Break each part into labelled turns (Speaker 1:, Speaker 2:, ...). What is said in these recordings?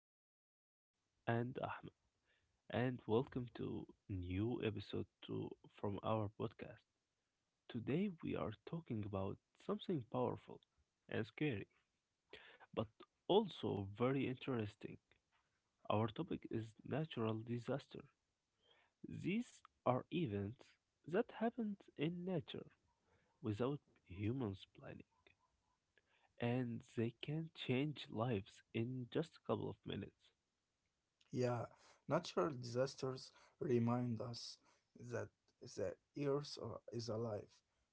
Speaker 1: there is Yusuf and Ahmed, and welcome to new episode from our podcast. Today we are talking about something powerful and scary, but also very interesting. Our topic is natural disaster. These are events that happened in nature without humans planning, and they can change lives in just a couple of minutes.
Speaker 2: Yeah, natural disasters remind us that the earth is alive.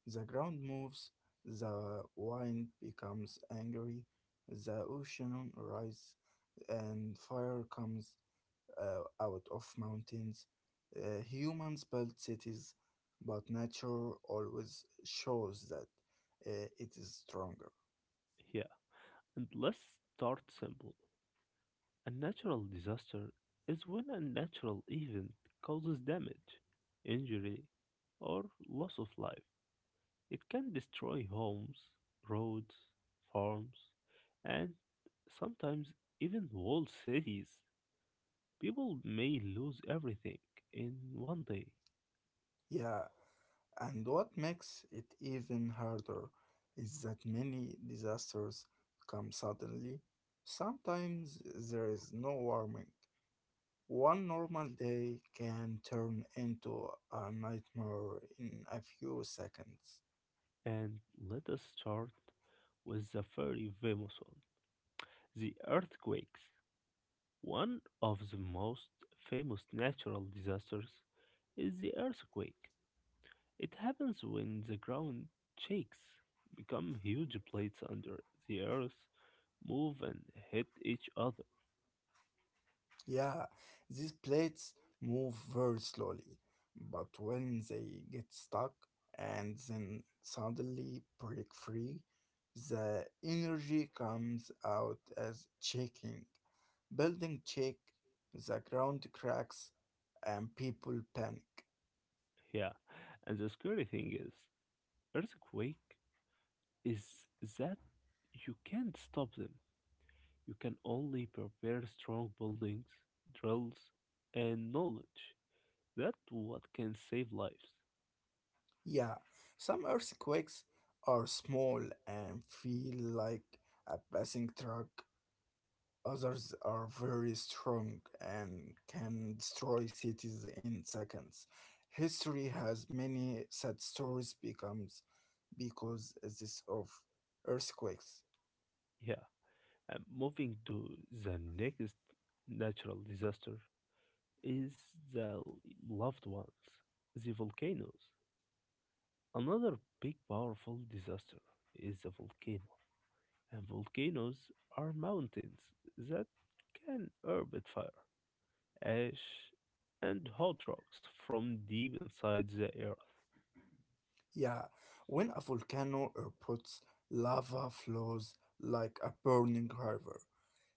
Speaker 2: The ground moves, the wind becomes angry, the ocean rises, and fire comes out of mountains. Humans build cities, but nature always shows that it is stronger.
Speaker 1: Yeah, and let's start simple. A natural disaster is when a natural event causes damage, injury, or loss of life. It can destroy homes, roads, farms, and sometimes even whole cities. People may lose everything in one day.
Speaker 2: Yeah, and what makes it even harder is that many disasters come suddenly. Sometimes there is no warning. One normal day can turn into a nightmare in a few seconds.
Speaker 1: And let us start with the very famous one, the earthquakes. One of the most famous natural disasters is the earthquake. It happens when the ground shakes, become huge plates under the earth, move and hit each other.
Speaker 2: Yeah, these plates move very slowly, but when they get stuck and then suddenly break free, the energy comes out as shaking. Building shake, the ground cracks, and people panic.
Speaker 1: Yeah, and the scary thing is, earthquake is that you can't stop them. You can only prepare strong buildings, drills, and knowledge. That what can save lives.
Speaker 2: Yeah, some earthquakes are small and feel like a passing truck. Others are very strong and can destroy cities in seconds. History has many sad stories becomes because this of earthquakes.
Speaker 1: Yeah, and moving to the next natural disaster, is the loved ones, the volcanoes. Another big powerful disaster is a volcano, and volcanoes are mountains that can orbit fire, ash, and hot rocks from deep inside the earth.
Speaker 2: Yeah, when a volcano erupts, lava flows like a burning river.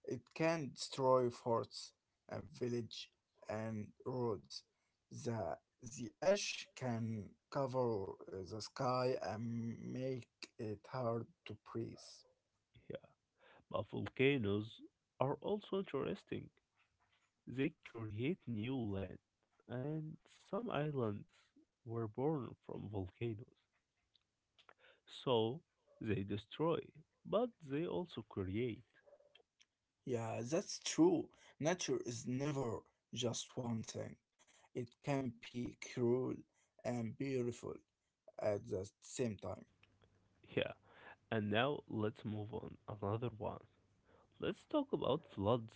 Speaker 2: It can destroy forts and village and roads. The, the ash can cover the sky and make it hard to breathe.
Speaker 1: Yeah, but volcanoes are also interesting. They create new land, and some islands were born from volcanoes. So they destroy, but they also create.
Speaker 2: Yeah, that's true. Nature is never just one thing. It can be cruel and beautiful at the same time.
Speaker 1: Yeah. And now let's move on another one. Let's talk about floods.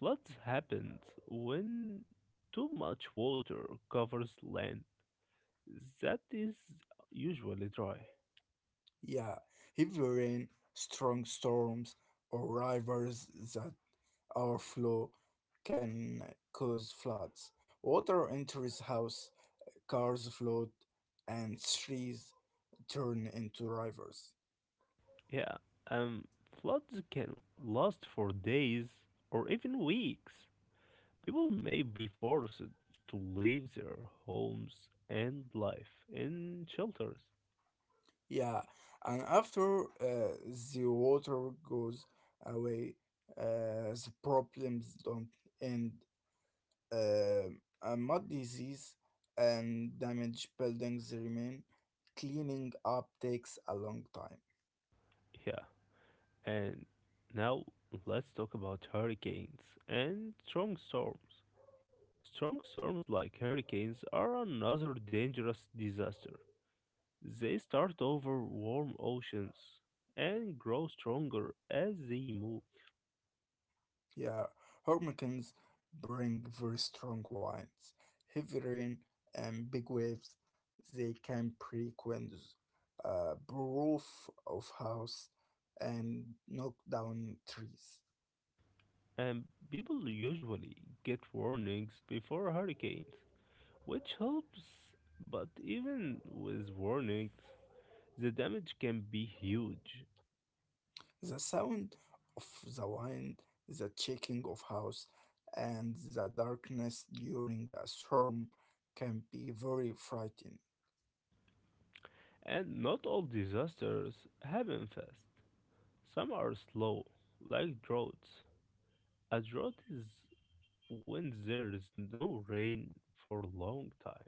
Speaker 1: Floods happen when too much water covers land that is usually dry.
Speaker 2: Yeah, heavy rain, strong storms, or rivers overflow can cause floods. Water enters house, cars float, and trees turn into rivers.
Speaker 1: Yeah. Um Floods can last for days or even weeks. People may be forced to leave their homes and life in shelters.
Speaker 2: Yeah, and after the water goes away, the problems don't end. Uh, a mud disease and damaged buildings remain. Cleaning up takes a long time.
Speaker 1: Yeah. And now let's talk about hurricanes and strong storms. Strong storms like hurricanes are another dangerous disaster. They start over warm oceans and grow stronger as they move.
Speaker 2: Yeah, hurricanes bring very strong winds, heavy rain, and big waves. They can break windows, roof of house, and knock down trees.
Speaker 1: And people usually get warnings before hurricanes, which helps, but even with warnings, the damage can be huge.
Speaker 2: The sound of the wind, the shaking of house, and the darkness during a storm can be very frightening.
Speaker 1: And not all disasters happen fast. Some are slow, like droughts. A drought is when there is no rain for a long time.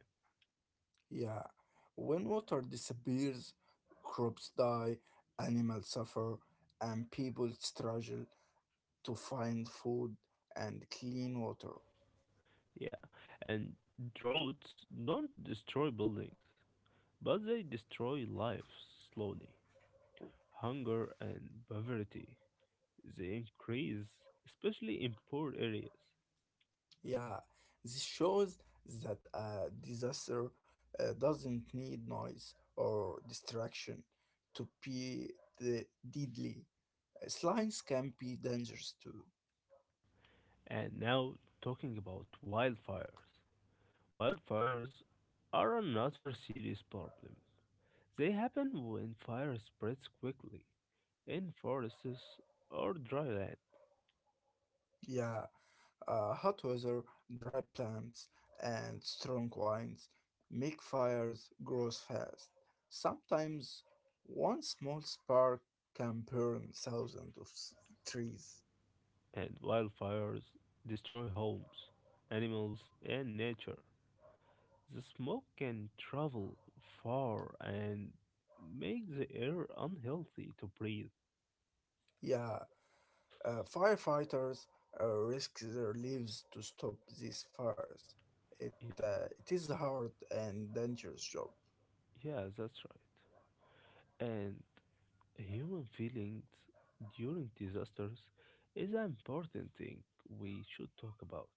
Speaker 2: Yeah, when water disappears, crops die, animals suffer, and people struggle to find food and clean water.
Speaker 1: Yeah, and droughts don't destroy buildings, but they destroy lives slowly. Hunger and poverty, they increase, especially in poor areas.
Speaker 2: Yeah, this shows that a disaster doesn't need noise or distraction to be the deadly. Slimes can be dangerous too.
Speaker 1: And now, talking about wildfires. Wildfires are another serious problem. They happen when fire spreads quickly in forests or dry land,
Speaker 2: Yeah, hot weather, dry plants, and strong winds make fires grow fast. Sometimes one small spark can burn thousands of trees.
Speaker 1: and wildfires destroy homes, animals, and nature. The smoke can travel far and make the air unhealthy to breathe.
Speaker 2: Yeah, firefighters risk their lives to stop these fires. It,
Speaker 1: Yeah,
Speaker 2: it is a hard and dangerous job.
Speaker 1: yeah, that's right. And human feelings during disasters is an important thing we should talk about.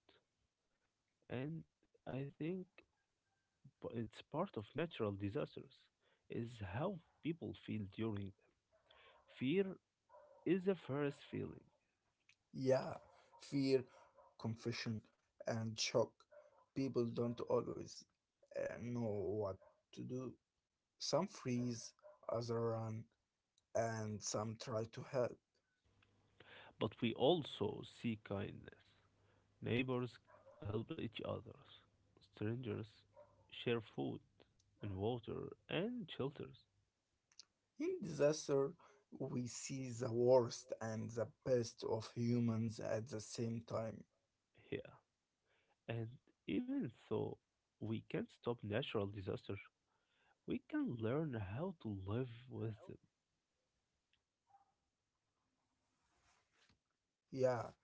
Speaker 1: And I think but it's part of natural disasters, is how people feel during them. Fear is the first feeling,
Speaker 2: Yeah, fear, confusion, and shock. People don't always know what to do. Some freeze, others run, and some try to help.
Speaker 1: but we also see kindness. Neighbors help each other, strangers share food and water and shelters.
Speaker 2: In disaster, we see the worst and the best of humans at the same time.
Speaker 1: Yeah, and even though we can't stop natural disasters, we can learn how to live with them.
Speaker 2: Yeah,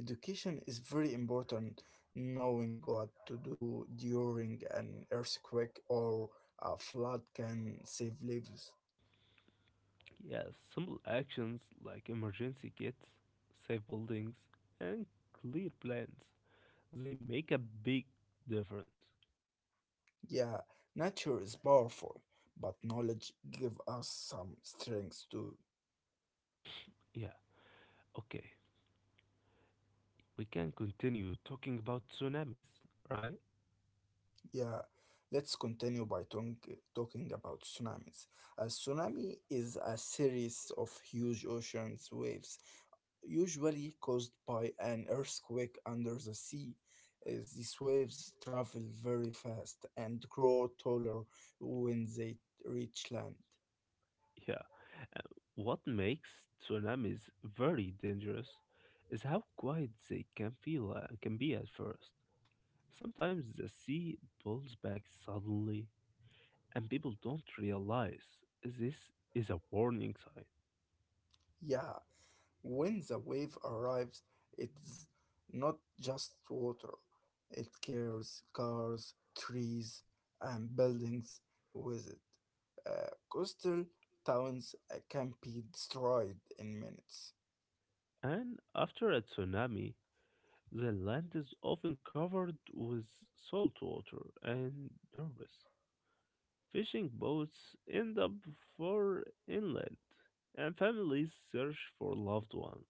Speaker 2: education is very important. Knowing what to do during an earthquake or a flood can save lives.
Speaker 1: Yeah, simple actions like emergency kits, safe buildings, and clear plans. They make a big difference.
Speaker 2: Yeah, nature is powerful, but knowledge gives us some strength too.
Speaker 1: Yeah, okay. We can continue talking about tsunamis, right?
Speaker 2: Yeah, let's continue by talking about tsunamis. A tsunami is a series of huge ocean waves, usually caused by an earthquake under the sea. As these waves travel very fast and grow taller when they reach land.
Speaker 1: Yeah. uh, What makes tsunamis very dangerous is how quiet they can be at first. Sometimes the sea pulls back suddenly, and people don't realize this is a warning sign.
Speaker 2: Yeah, when the wave arrives, it's not just water, it carries cars, trees, and buildings with it. Coastal towns can be destroyed in minutes.
Speaker 1: And after a tsunami, the land is often covered with salt water and debris. Fishing boats end up far inland, and families search for loved ones.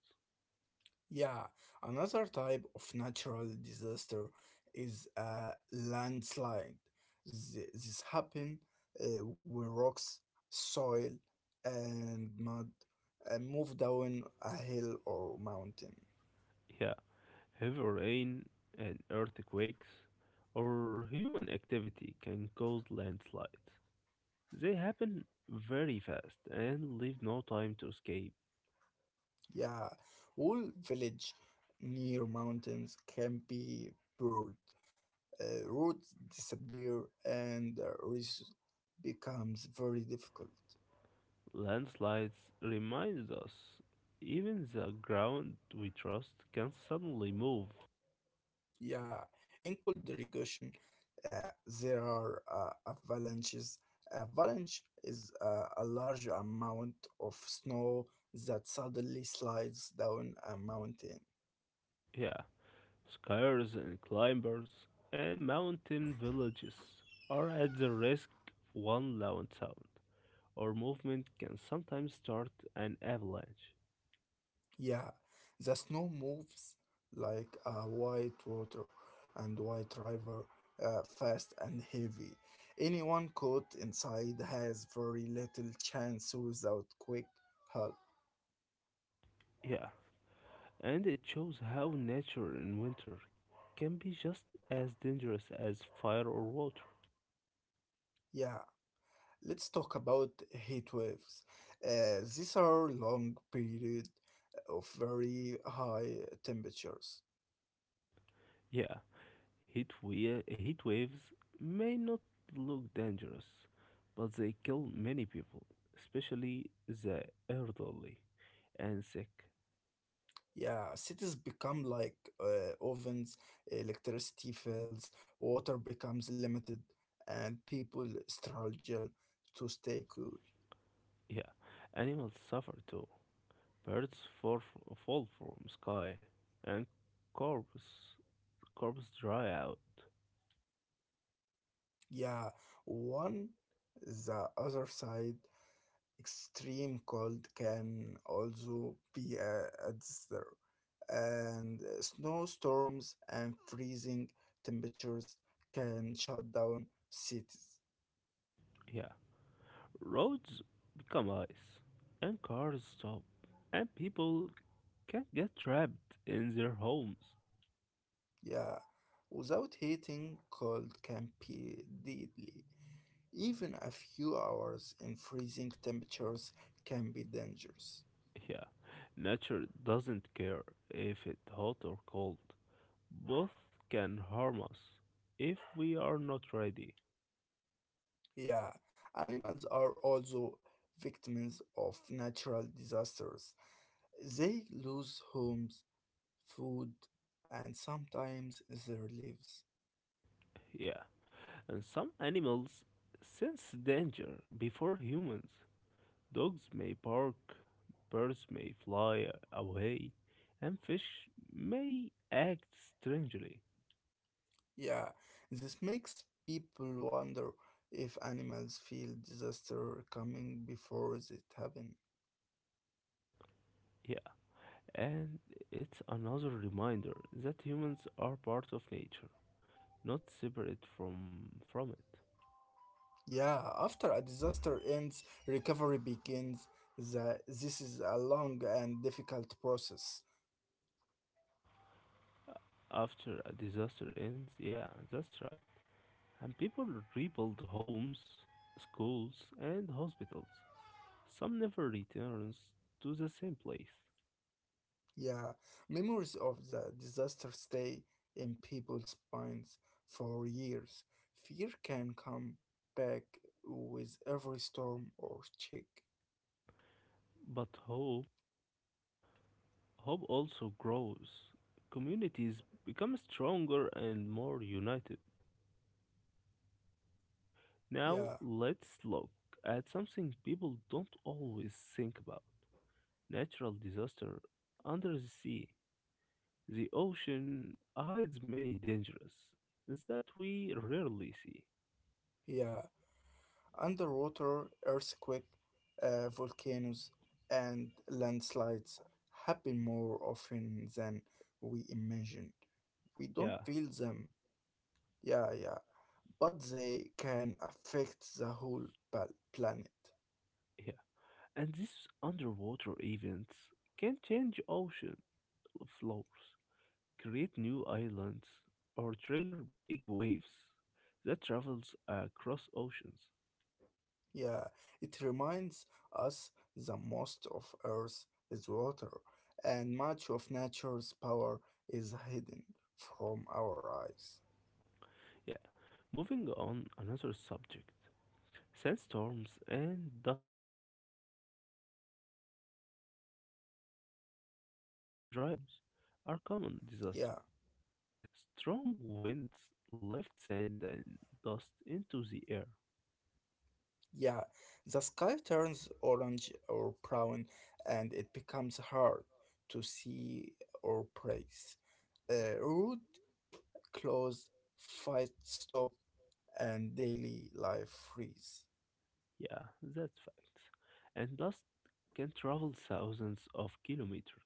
Speaker 2: Yeah, another type of natural disaster is a landslide. This happen when rocks, soil, and mud move down a hill or mountain.
Speaker 1: Yeah. Heavy rain and earthquakes or human activity can cause landslides. They happen very fast and leave no time to escape.
Speaker 2: Yeah, whole village near mountains can be buried. Roads disappear and resource becomes very difficult.
Speaker 1: Landslides remind us even the ground we trust can suddenly move.
Speaker 2: Yeah, in cold irrigation, uh, there are avalanches. Avalanche is a large amount of snow that suddenly slides down a mountain.
Speaker 1: Yeah, skiers and climbers and mountain villages are at the risk one loud sound or movement can sometimes start an avalanche.
Speaker 2: Yeah, the snow moves like a white water and white river, fast and heavy. Anyone caught inside has very little chance without quick help.
Speaker 1: Yeah, and it shows how nature in winter can be just as dangerous as fire or water.
Speaker 2: Yeah, let's talk about heat waves. These are long period of very high temperatures.
Speaker 1: Yeah, heat waves may not look dangerous, but they kill many people, especially the elderly and sick.
Speaker 2: Yeah, cities become like ovens, electricity fails, water becomes limited, and people struggle to stay cool.
Speaker 1: Yeah, animals suffer too. Birds fall from sky, and corpses corpses dry out.
Speaker 2: Yeah, one the other side, extreme cold can also be a disaster. And snowstorms and freezing temperatures can shut down cities.
Speaker 1: Yeah, Roads become ice, and cars stop, and people can get trapped in their homes.
Speaker 2: Yeah, without heating, cold can be deadly. Even a few hours in freezing temperatures can be dangerous.
Speaker 1: Yeah, nature doesn't care if it's hot or cold. Both can harm us if we are not ready.
Speaker 2: Yeah, animals are also victims of natural disasters. They lose homes, food, and sometimes their lives.
Speaker 1: Yeah, and some animals sense danger before humans. Dogs may bark, birds may fly away, and fish may act strangely.
Speaker 2: Yeah, this makes people wonder if animals feel disaster coming before it happens.
Speaker 1: And it's another reminder that humans are part of nature, not separate from it.
Speaker 2: Yeah, after a disaster ends, recovery begins. This is a long and difficult process.
Speaker 1: After a disaster ends, yeah, that's right. And people rebuild homes, schools, and hospitals. Some never returns to the same place.
Speaker 2: Yeah, memories of the disaster stay in people's minds for years. Fear can come back with every storm or check.
Speaker 1: But hope also grows. Communities become stronger and more united. Now
Speaker 2: Yeah,
Speaker 1: let's look at something people don't always think about. Natural disaster under the sea. The ocean hides many dangers that we rarely see.
Speaker 2: yeah. Underwater earthquake, volcanoes, and landslides happen more often than we imagine. We don't
Speaker 1: Yeah,
Speaker 2: feel them, yeah, yeah, but they can affect the whole planet.
Speaker 1: yeah. And these underwater events can change ocean floors, create new islands, or trigger big waves that travels across oceans.
Speaker 2: Yeah, it reminds us the most of Earth is water, and much of nature's power is hidden from our eyes.
Speaker 1: Yeah, moving on another subject. Sandstorms and dust storms. In dry areas, sandstorms and dust
Speaker 2: Yeah.
Speaker 1: storms are common disasters. Strong winds lift sand and dust into the air.
Speaker 2: Yeah, the sky turns orange or brown and it becomes hard to see or praise. Road close, fight stop, and daily life freeze.
Speaker 1: Yeah, that's fact. And dust can travel thousands of kilometers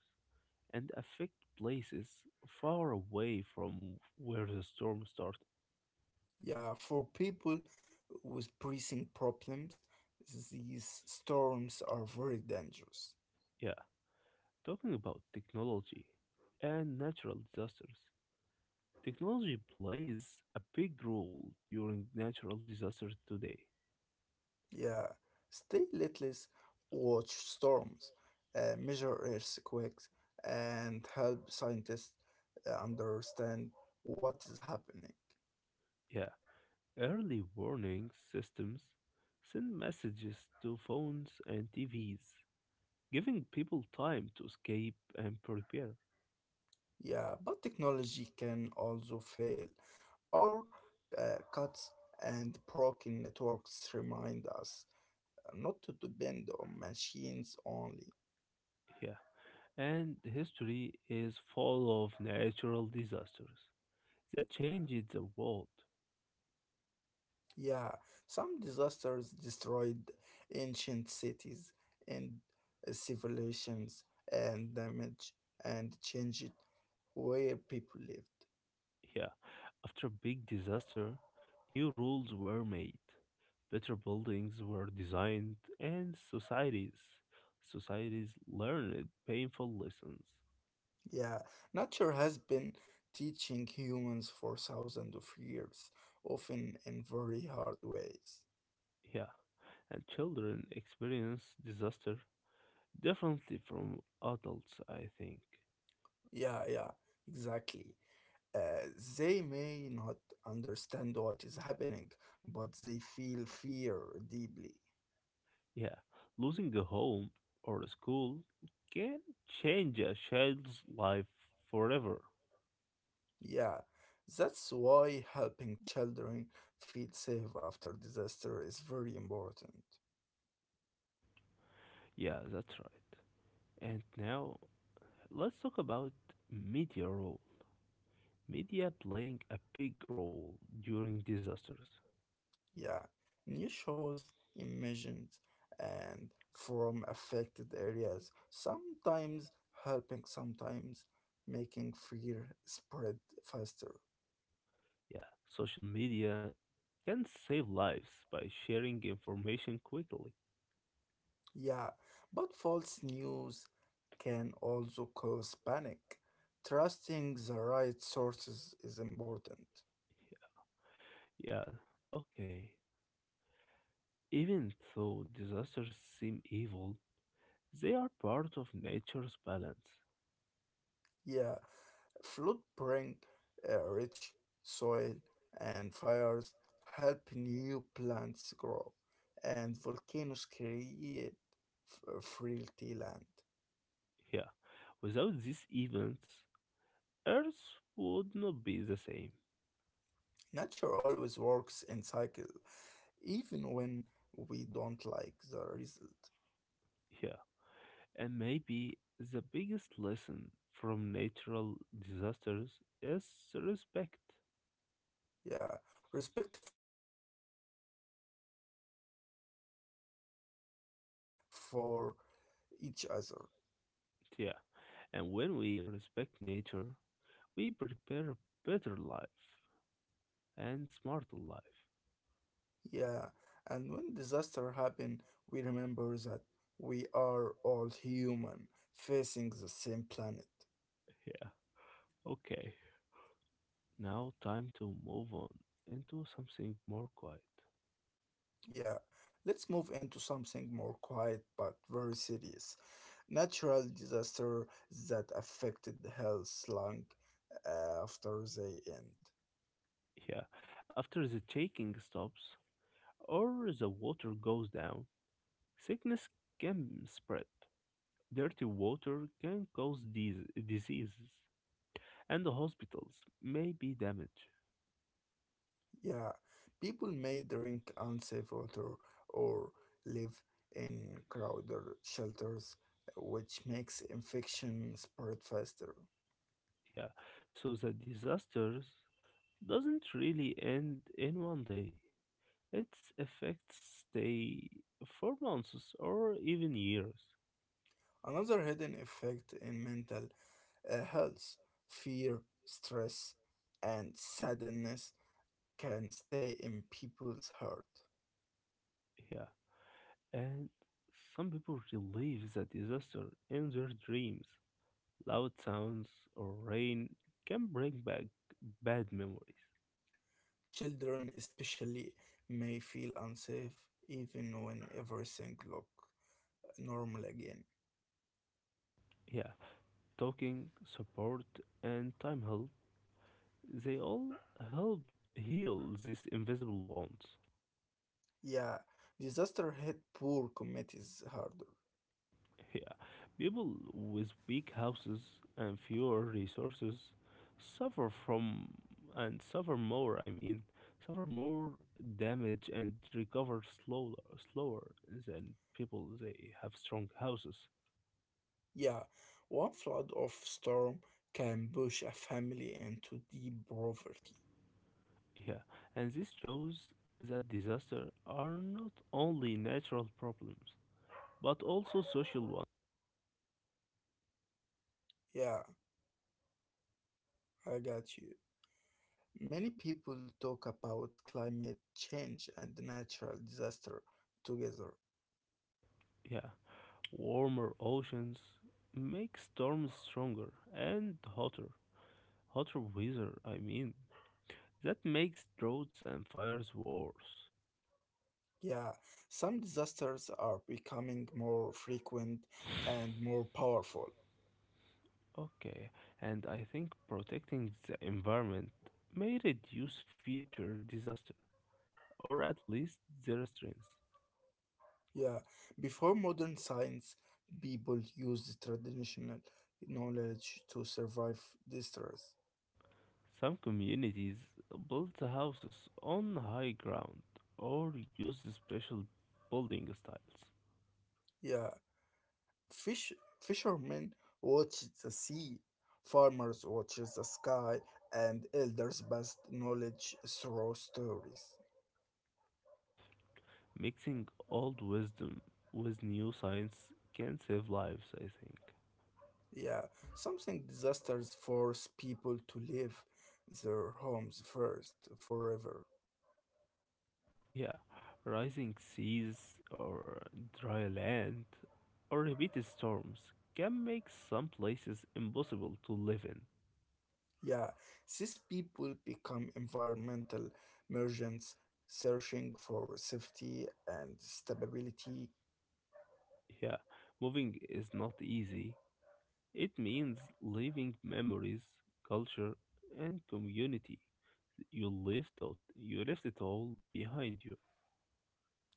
Speaker 1: and affect places far away from where the storm started.
Speaker 2: Yeah, for people with breathing problems, these storms are very dangerous.
Speaker 1: Yeah, talking about technology and natural disasters. Technology plays a big role during natural disasters today.
Speaker 2: Yeah, stay lightless, watch storms, measure earthquakes, and help scientists understand what is happening.
Speaker 1: Yeah, early warning systems send messages to phones and TVs, giving people time to escape and prepare.
Speaker 2: Yeah, but technology can also fail. Power cuts and broken networks remind us not to depend on machines only.
Speaker 1: Yeah, and history is full of natural disasters that changed the world.
Speaker 2: Yeah, some disasters destroyed ancient cities and civilizations and damaged and changed where people lived.
Speaker 1: Yeah, after a big disaster, new rules were made. Better buildings were designed and societies learned painful lessons.
Speaker 2: Yeah, nature has been teaching humans for thousands of years, often in very hard ways.
Speaker 1: Yeah, and children experience disaster differently from adults, I think.
Speaker 2: Yeah, yeah, exactly. Uh, they may not understand what is happening, but they feel fear deeply.
Speaker 1: Yeah, losing a home or a school can change a child's life forever.
Speaker 2: Yeah, that's why helping children feel safe after disaster is very important.
Speaker 1: Yeah, that's right. And now let's talk about media. Media playing a big role during disasters.
Speaker 2: Yeah, new shows imagined and from affected areas, sometimes helping, sometimes making fear spread faster.
Speaker 1: Yeah, social media can save lives by sharing information quickly.
Speaker 2: Yeah, but false news can also cause panic. Trusting the right sources is important.
Speaker 1: Yeah, okay. Even though disasters seem evil, they are part of nature's balance.
Speaker 2: Yeah, flood bring rich soil and fires help new plants grow and volcanoes create fertile land.
Speaker 1: Yeah, without these events, Earth would not be the same.
Speaker 2: Nature always works in cycle, even when we don't like the result.
Speaker 1: Yeah, and maybe the biggest lesson from natural disasters is respect.
Speaker 2: Yeah, respect for nature, for life, for each other.
Speaker 1: Yeah, and when we respect nature, we prepare a better life and smarter life.
Speaker 2: Yeah, and when disaster happen, we remember that we are all human facing the same planet.
Speaker 1: Yeah. Okay. Now time to move on into something more quiet.
Speaker 2: Yeah, let's move into something more quiet but very serious. Natural disaster that affected health long after they end.
Speaker 1: Yeah. After the shaking stops or the water goes down, sickness can spread. Dirty water can cause these diseases, and the hospitals may be damaged.
Speaker 2: Yeah, people may drink unsafe water or live in crowded shelters, which makes infection spread faster.
Speaker 1: Yeah, so the disasters doesn't really end in one day. Its effects stay for months or even years.
Speaker 2: Another hidden effect in mental health, fear, stress, and sadness can stay in people's heart.
Speaker 1: Yeah, and some people relive the disaster in their dreams. Loud sounds or rain can bring back bad memories.
Speaker 2: Children, especially, may feel unsafe even when everything looks normal again.
Speaker 1: Yeah, talking, support, and time help. They all help heal these invisible wounds.
Speaker 2: Yeah, disaster hit poor communities harder.
Speaker 1: Yeah, people with weak houses and fewer resources suffer from and suffer more. I mean, suffer more damage and recover slower than people they have strong houses.
Speaker 2: Yeah, one flood or storm can push a family into deep poverty.
Speaker 1: Yeah, and this shows that disasters are not only natural problems but also social.
Speaker 2: Yeah, I got you. Many people talk about climate change and natural disaster together.
Speaker 1: Yeah, warmer oceans make storms stronger and hotter. Hotter weather, I mean. That makes droughts and fires worse.
Speaker 2: Yeah, some disasters are becoming more frequent and more powerful.
Speaker 1: Okay, and I think protecting the environment may reduce future disaster, or at least their strength.
Speaker 2: Yeah, before modern science, people used traditional knowledge to survive distress.
Speaker 1: Some communities build houses on high ground or use special building styles.
Speaker 2: Yeah, fish fishermen watched the sea, farmers watched the sky, and elders passed knowledge through stories.
Speaker 1: Mixing old wisdom with new science can save lives, I think.
Speaker 2: Yeah, something disasters force people to leave their homes first forever.
Speaker 1: Yeah, rising seas or dry land or repeated storms can make some places impossible to live in.
Speaker 2: Yeah, these people become environmental merchants searching for safety and stability.
Speaker 1: Yeah, moving is not easy. It means leaving memories, culture, and community. You left out, you left it all behind you.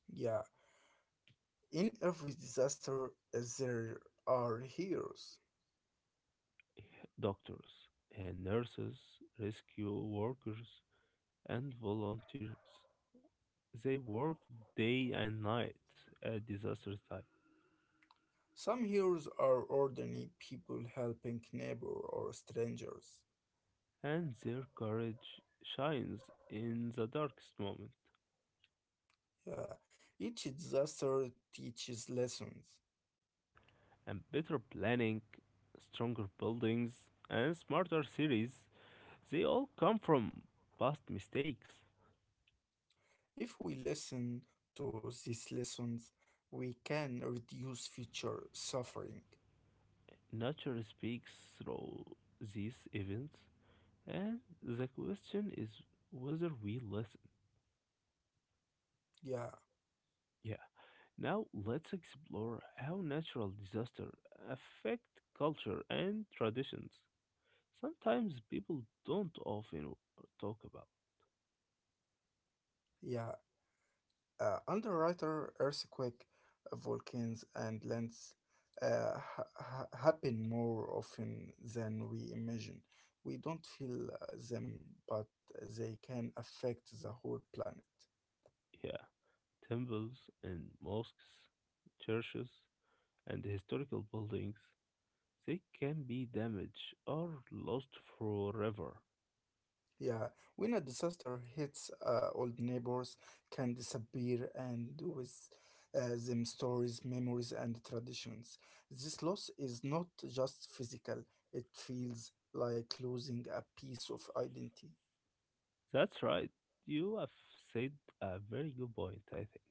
Speaker 2: Yeah, in every disaster as there are heroes.
Speaker 1: Doctors and nurses, rescue workers, and volunteers. They worked day and night at disaster time,
Speaker 2: Some heroes are ordinary people helping neighbor or strangers.
Speaker 1: and their courage shines in the darkest moment.
Speaker 2: Yeah, each disaster teaches lessons.
Speaker 1: And better planning, stronger buildings, and smarter cities, they all come from past mistakes.
Speaker 2: If we listen to these lessons, we can reduce future suffering.
Speaker 1: Nature speaks through these events, and the question is whether we listen.
Speaker 2: Yeah,
Speaker 1: Yeah. Now let's explore how natural disasters affect culture and traditions. Sometimes people don't often talk about.
Speaker 2: yeah. Underwriter earthquake, volcanoes, and lands happen more often than we imagine. We don't feel them, but they can affect the whole planet.
Speaker 1: Yeah, temples and mosques, churches and historical buildings, they can be damaged or lost forever.
Speaker 2: Yeah, when a disaster hits, old neighbors can disappear and with them stories, memories, and traditions. This loss is not just physical, it feels like losing a piece of identity.
Speaker 1: That's right. You have said a very good point, I think.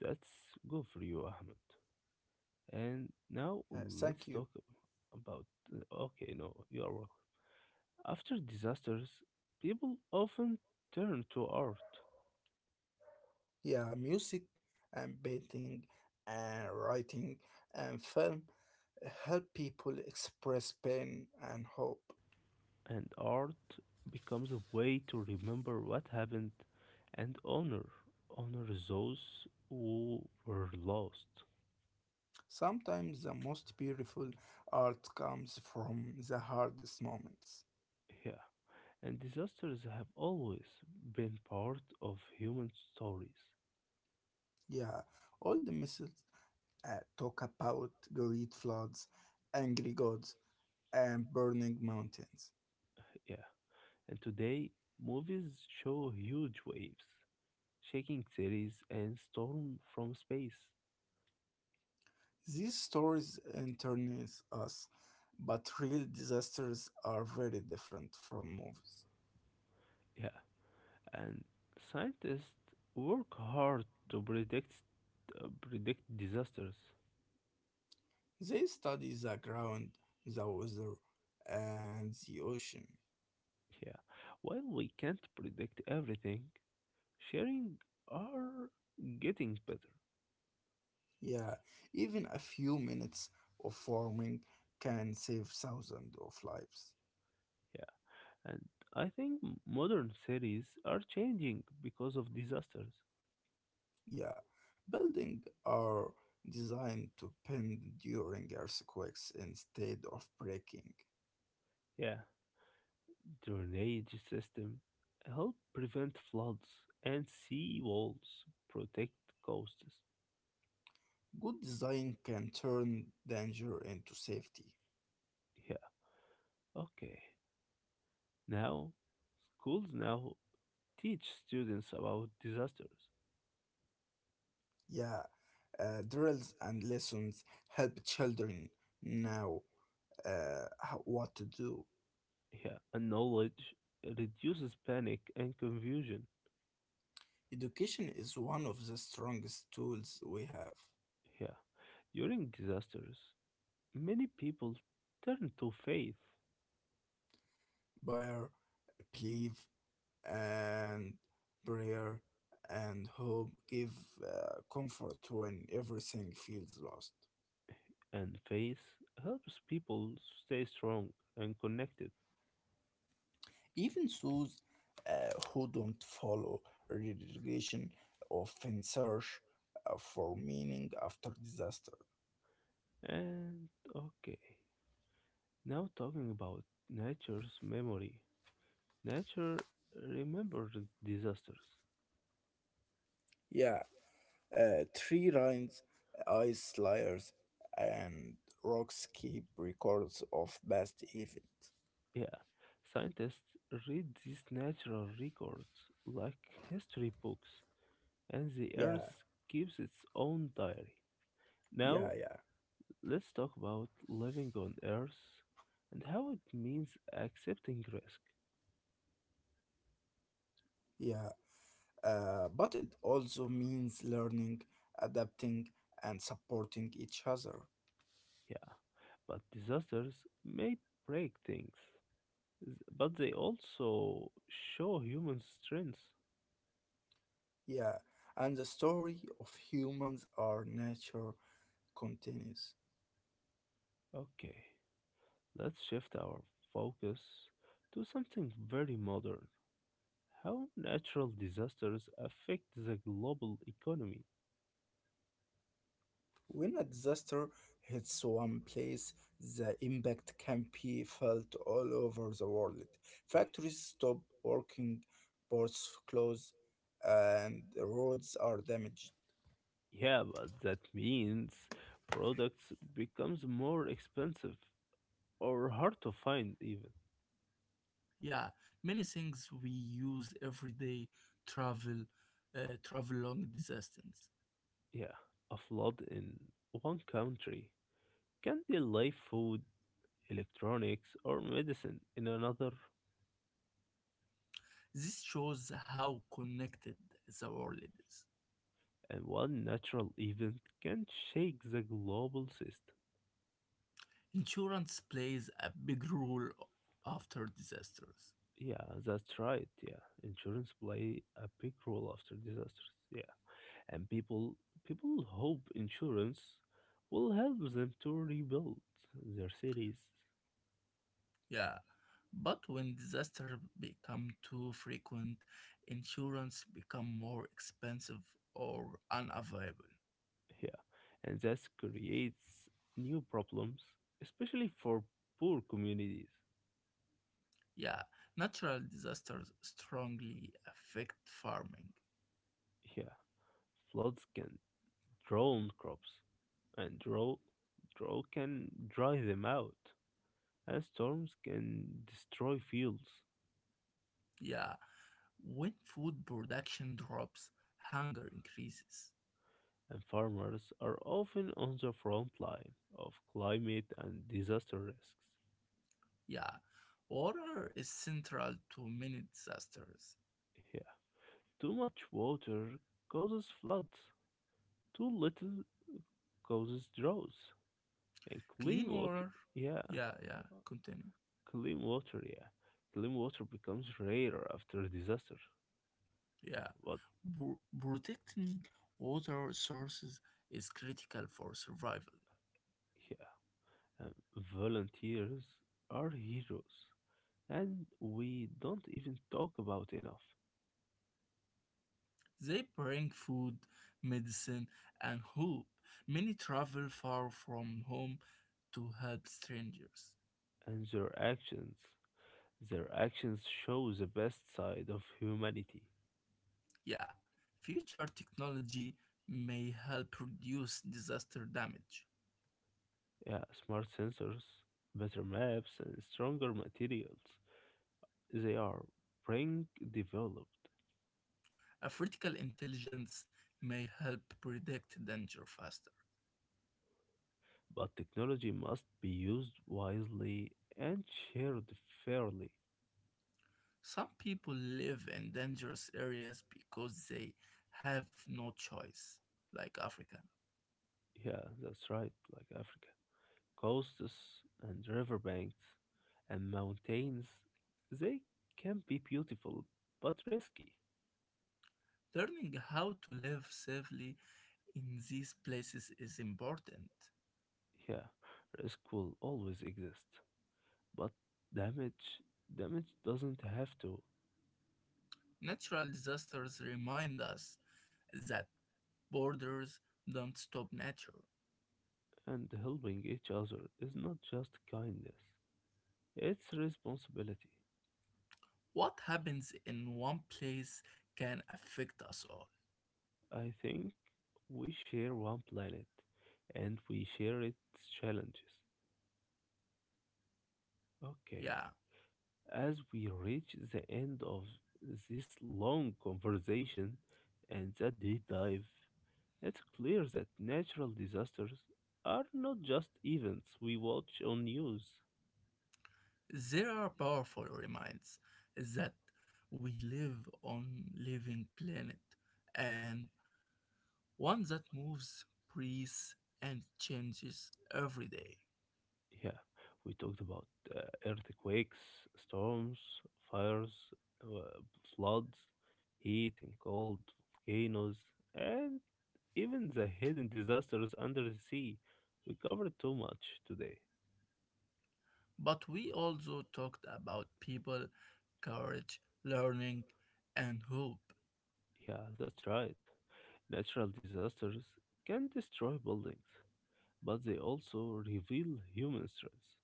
Speaker 1: That's good for you, Ahmed. And now
Speaker 2: Uh,
Speaker 1: let's
Speaker 2: thank you.
Speaker 1: talk about. Okay, no, you are welcome. After disasters, people often turn to art,
Speaker 2: Yeah, music and painting and writing and film help people express pain and hope.
Speaker 1: and art becomes a way to remember what happened and honor those who were lost.
Speaker 2: Sometimes the most beautiful art comes from the hardest moments.
Speaker 1: Yeah, and disasters have always been part of human stories.
Speaker 2: Yeah, old myths talk about great floods, angry gods, and burning mountains.
Speaker 1: Yeah, and today movies show huge waves shaking series, and Storm from Space.
Speaker 2: These stories entertain us, but real disasters are very different from movies.
Speaker 1: Yeah, and scientists work hard to predict disasters.
Speaker 2: They study the ground, the weather, and the ocean.
Speaker 1: Yeah, while we can't predict everything, sharing are getting better.
Speaker 2: Yeah, even a few minutes of farming can save thousands of lives.
Speaker 1: Yeah, and I think modern cities are changing because of disasters.
Speaker 2: Yeah, buildings are designed to bend during earthquakes instead of breaking.
Speaker 1: Yeah, drainage system help prevent floods and sea walls protect coasts.
Speaker 2: Good design can turn danger into safety.
Speaker 1: Yeah, okay. Now, schools now teach students about disasters.
Speaker 2: Yeah, drills and lessons help children know how, what to do.
Speaker 1: Yeah, and knowledge reduces panic and confusion.
Speaker 2: Education is one of the strongest tools we have.
Speaker 1: Yeah, during disasters, many people turn to faith,
Speaker 2: Buyer, believe and prayer and hope give comfort when everything feels lost.
Speaker 1: and faith helps people stay strong and connected.
Speaker 2: Even those who don't follow religion often search for meaning after disaster.
Speaker 1: And okay, now talking about nature's memory. Nature remembered disasters.
Speaker 2: Yeah, tree lines, ice layers, and rocks keep records of past events.
Speaker 1: Yeah, scientists read these natural records like history books, and the
Speaker 2: Yeah,
Speaker 1: Earth keeps its own diary.
Speaker 2: yeah,
Speaker 1: Now,
Speaker 2: yeah,
Speaker 1: let's talk about living on Earth and how it means accepting risk.
Speaker 2: yeah. But it also means learning, adapting, and supporting each other.
Speaker 1: Yeah, but disasters may break things, but they also show human strength.
Speaker 2: Yeah, and the story of humans or nature continues.
Speaker 1: Okay, let's shift our focus to something very modern. How natural disasters affect the global economy.
Speaker 2: When a disaster hits one place, the impact can be felt all over the world. Factories stop working, ports close, and roads are damaged.
Speaker 1: Yeah, but that means products becomes more expensive or hard to find even.
Speaker 2: Yeah, many things we use every day travel travel long distance.
Speaker 1: Yeah, a flood in one country can delay food, electronics, or medicine in another,
Speaker 2: This shows how connected the world is.
Speaker 1: and one natural event can shake the global system.
Speaker 2: Insurance plays a big role after disasters.
Speaker 1: Yeah, that's right. Yeah, insurance play a big role after disasters. Yeah, and people hope insurance will help them to rebuild their cities.
Speaker 2: Yeah, but when disaster become too frequent, insurance become more expensive or unavailable.
Speaker 1: Yeah, and that creates new problems, especially for poor communities.
Speaker 2: Yeah, natural disasters strongly affect farming.
Speaker 1: Yeah, floods can drown crops and drought can dry them out, and storms can destroy fields.
Speaker 2: Yeah, when food production drops, hunger increases.
Speaker 1: And farmers are often on the front line of climate and disaster risks.
Speaker 2: Yeah, water is central to many disasters.
Speaker 1: Yeah, too much water causes floods, too little causes droughts, and clean
Speaker 2: Clean
Speaker 1: water,
Speaker 2: water,
Speaker 1: yeah,
Speaker 2: yeah, yeah, continue.
Speaker 1: clean water, yeah, clean water becomes rarer after a disaster.
Speaker 2: Yeah,
Speaker 1: But
Speaker 2: protecting water sources is critical for survival.
Speaker 1: yeah, and volunteers are heroes, and we don't even talk about enough.
Speaker 2: They bring food, medicine, and hope. Many travel far from home to help strangers.
Speaker 1: And their actions show the best side of humanity.
Speaker 2: Yeah, future technology may help reduce disaster damage.
Speaker 1: Yeah, smart sensors, better maps, and stronger materials. They are being developed,
Speaker 2: Artificial intelligence may help predict danger faster.
Speaker 1: but technology must be used wisely and shared fairly.
Speaker 2: Some people live in dangerous areas because they have no choice, like Africa.
Speaker 1: Yeah, that's right, like Africa. Coasts and riverbanks and mountains, they can be beautiful but risky.
Speaker 2: Learning how to live safely in these places is important.
Speaker 1: Yeah, risk will always exist, but damage damage doesn't have to.
Speaker 2: Natural disasters remind us that borders don't stop nature.
Speaker 1: And helping each other is not just kindness; it's responsibility.
Speaker 2: What happens in one place can affect us all.
Speaker 1: I think we share one planet, and we share its challenges. Okay.
Speaker 2: Yeah,
Speaker 1: As we reach the end of this long conversation and the deep dive, it's clear that natural disasters are not just events we watch on news.
Speaker 2: there are powerful reminds that we live on living planet and one that moves, breathes, and changes every day.
Speaker 1: Yeah, we talked about uh, earthquakes, storms, fires, uh, floods, heat and cold, volcanoes, and even the hidden disasters under the sea. We covered too much today.
Speaker 2: But we also talked about people, courage, learning, and hope.
Speaker 1: Yeah, that's right. Natural disasters can destroy buildings, but they also reveal human strength.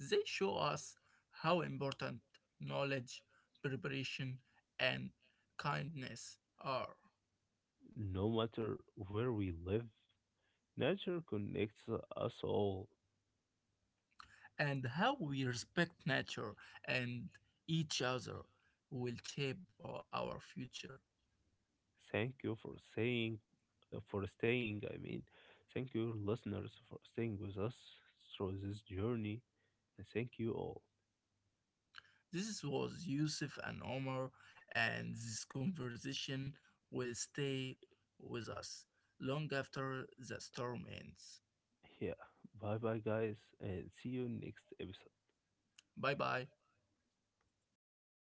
Speaker 2: They show us how important knowledge, preparation, and kindness are.
Speaker 1: No matter where we live, nature connects us all.
Speaker 2: And how we respect nature and each other will shape our future.
Speaker 1: Thank you for staying. I mean, thank you, listeners, for staying with us through this journey. And thank you all.
Speaker 2: This was Yusuf and Omar, and this conversation will stay with us long after the storm ends.
Speaker 1: Yeah. Bye bye, guys, and see you next episode.
Speaker 2: Bye bye.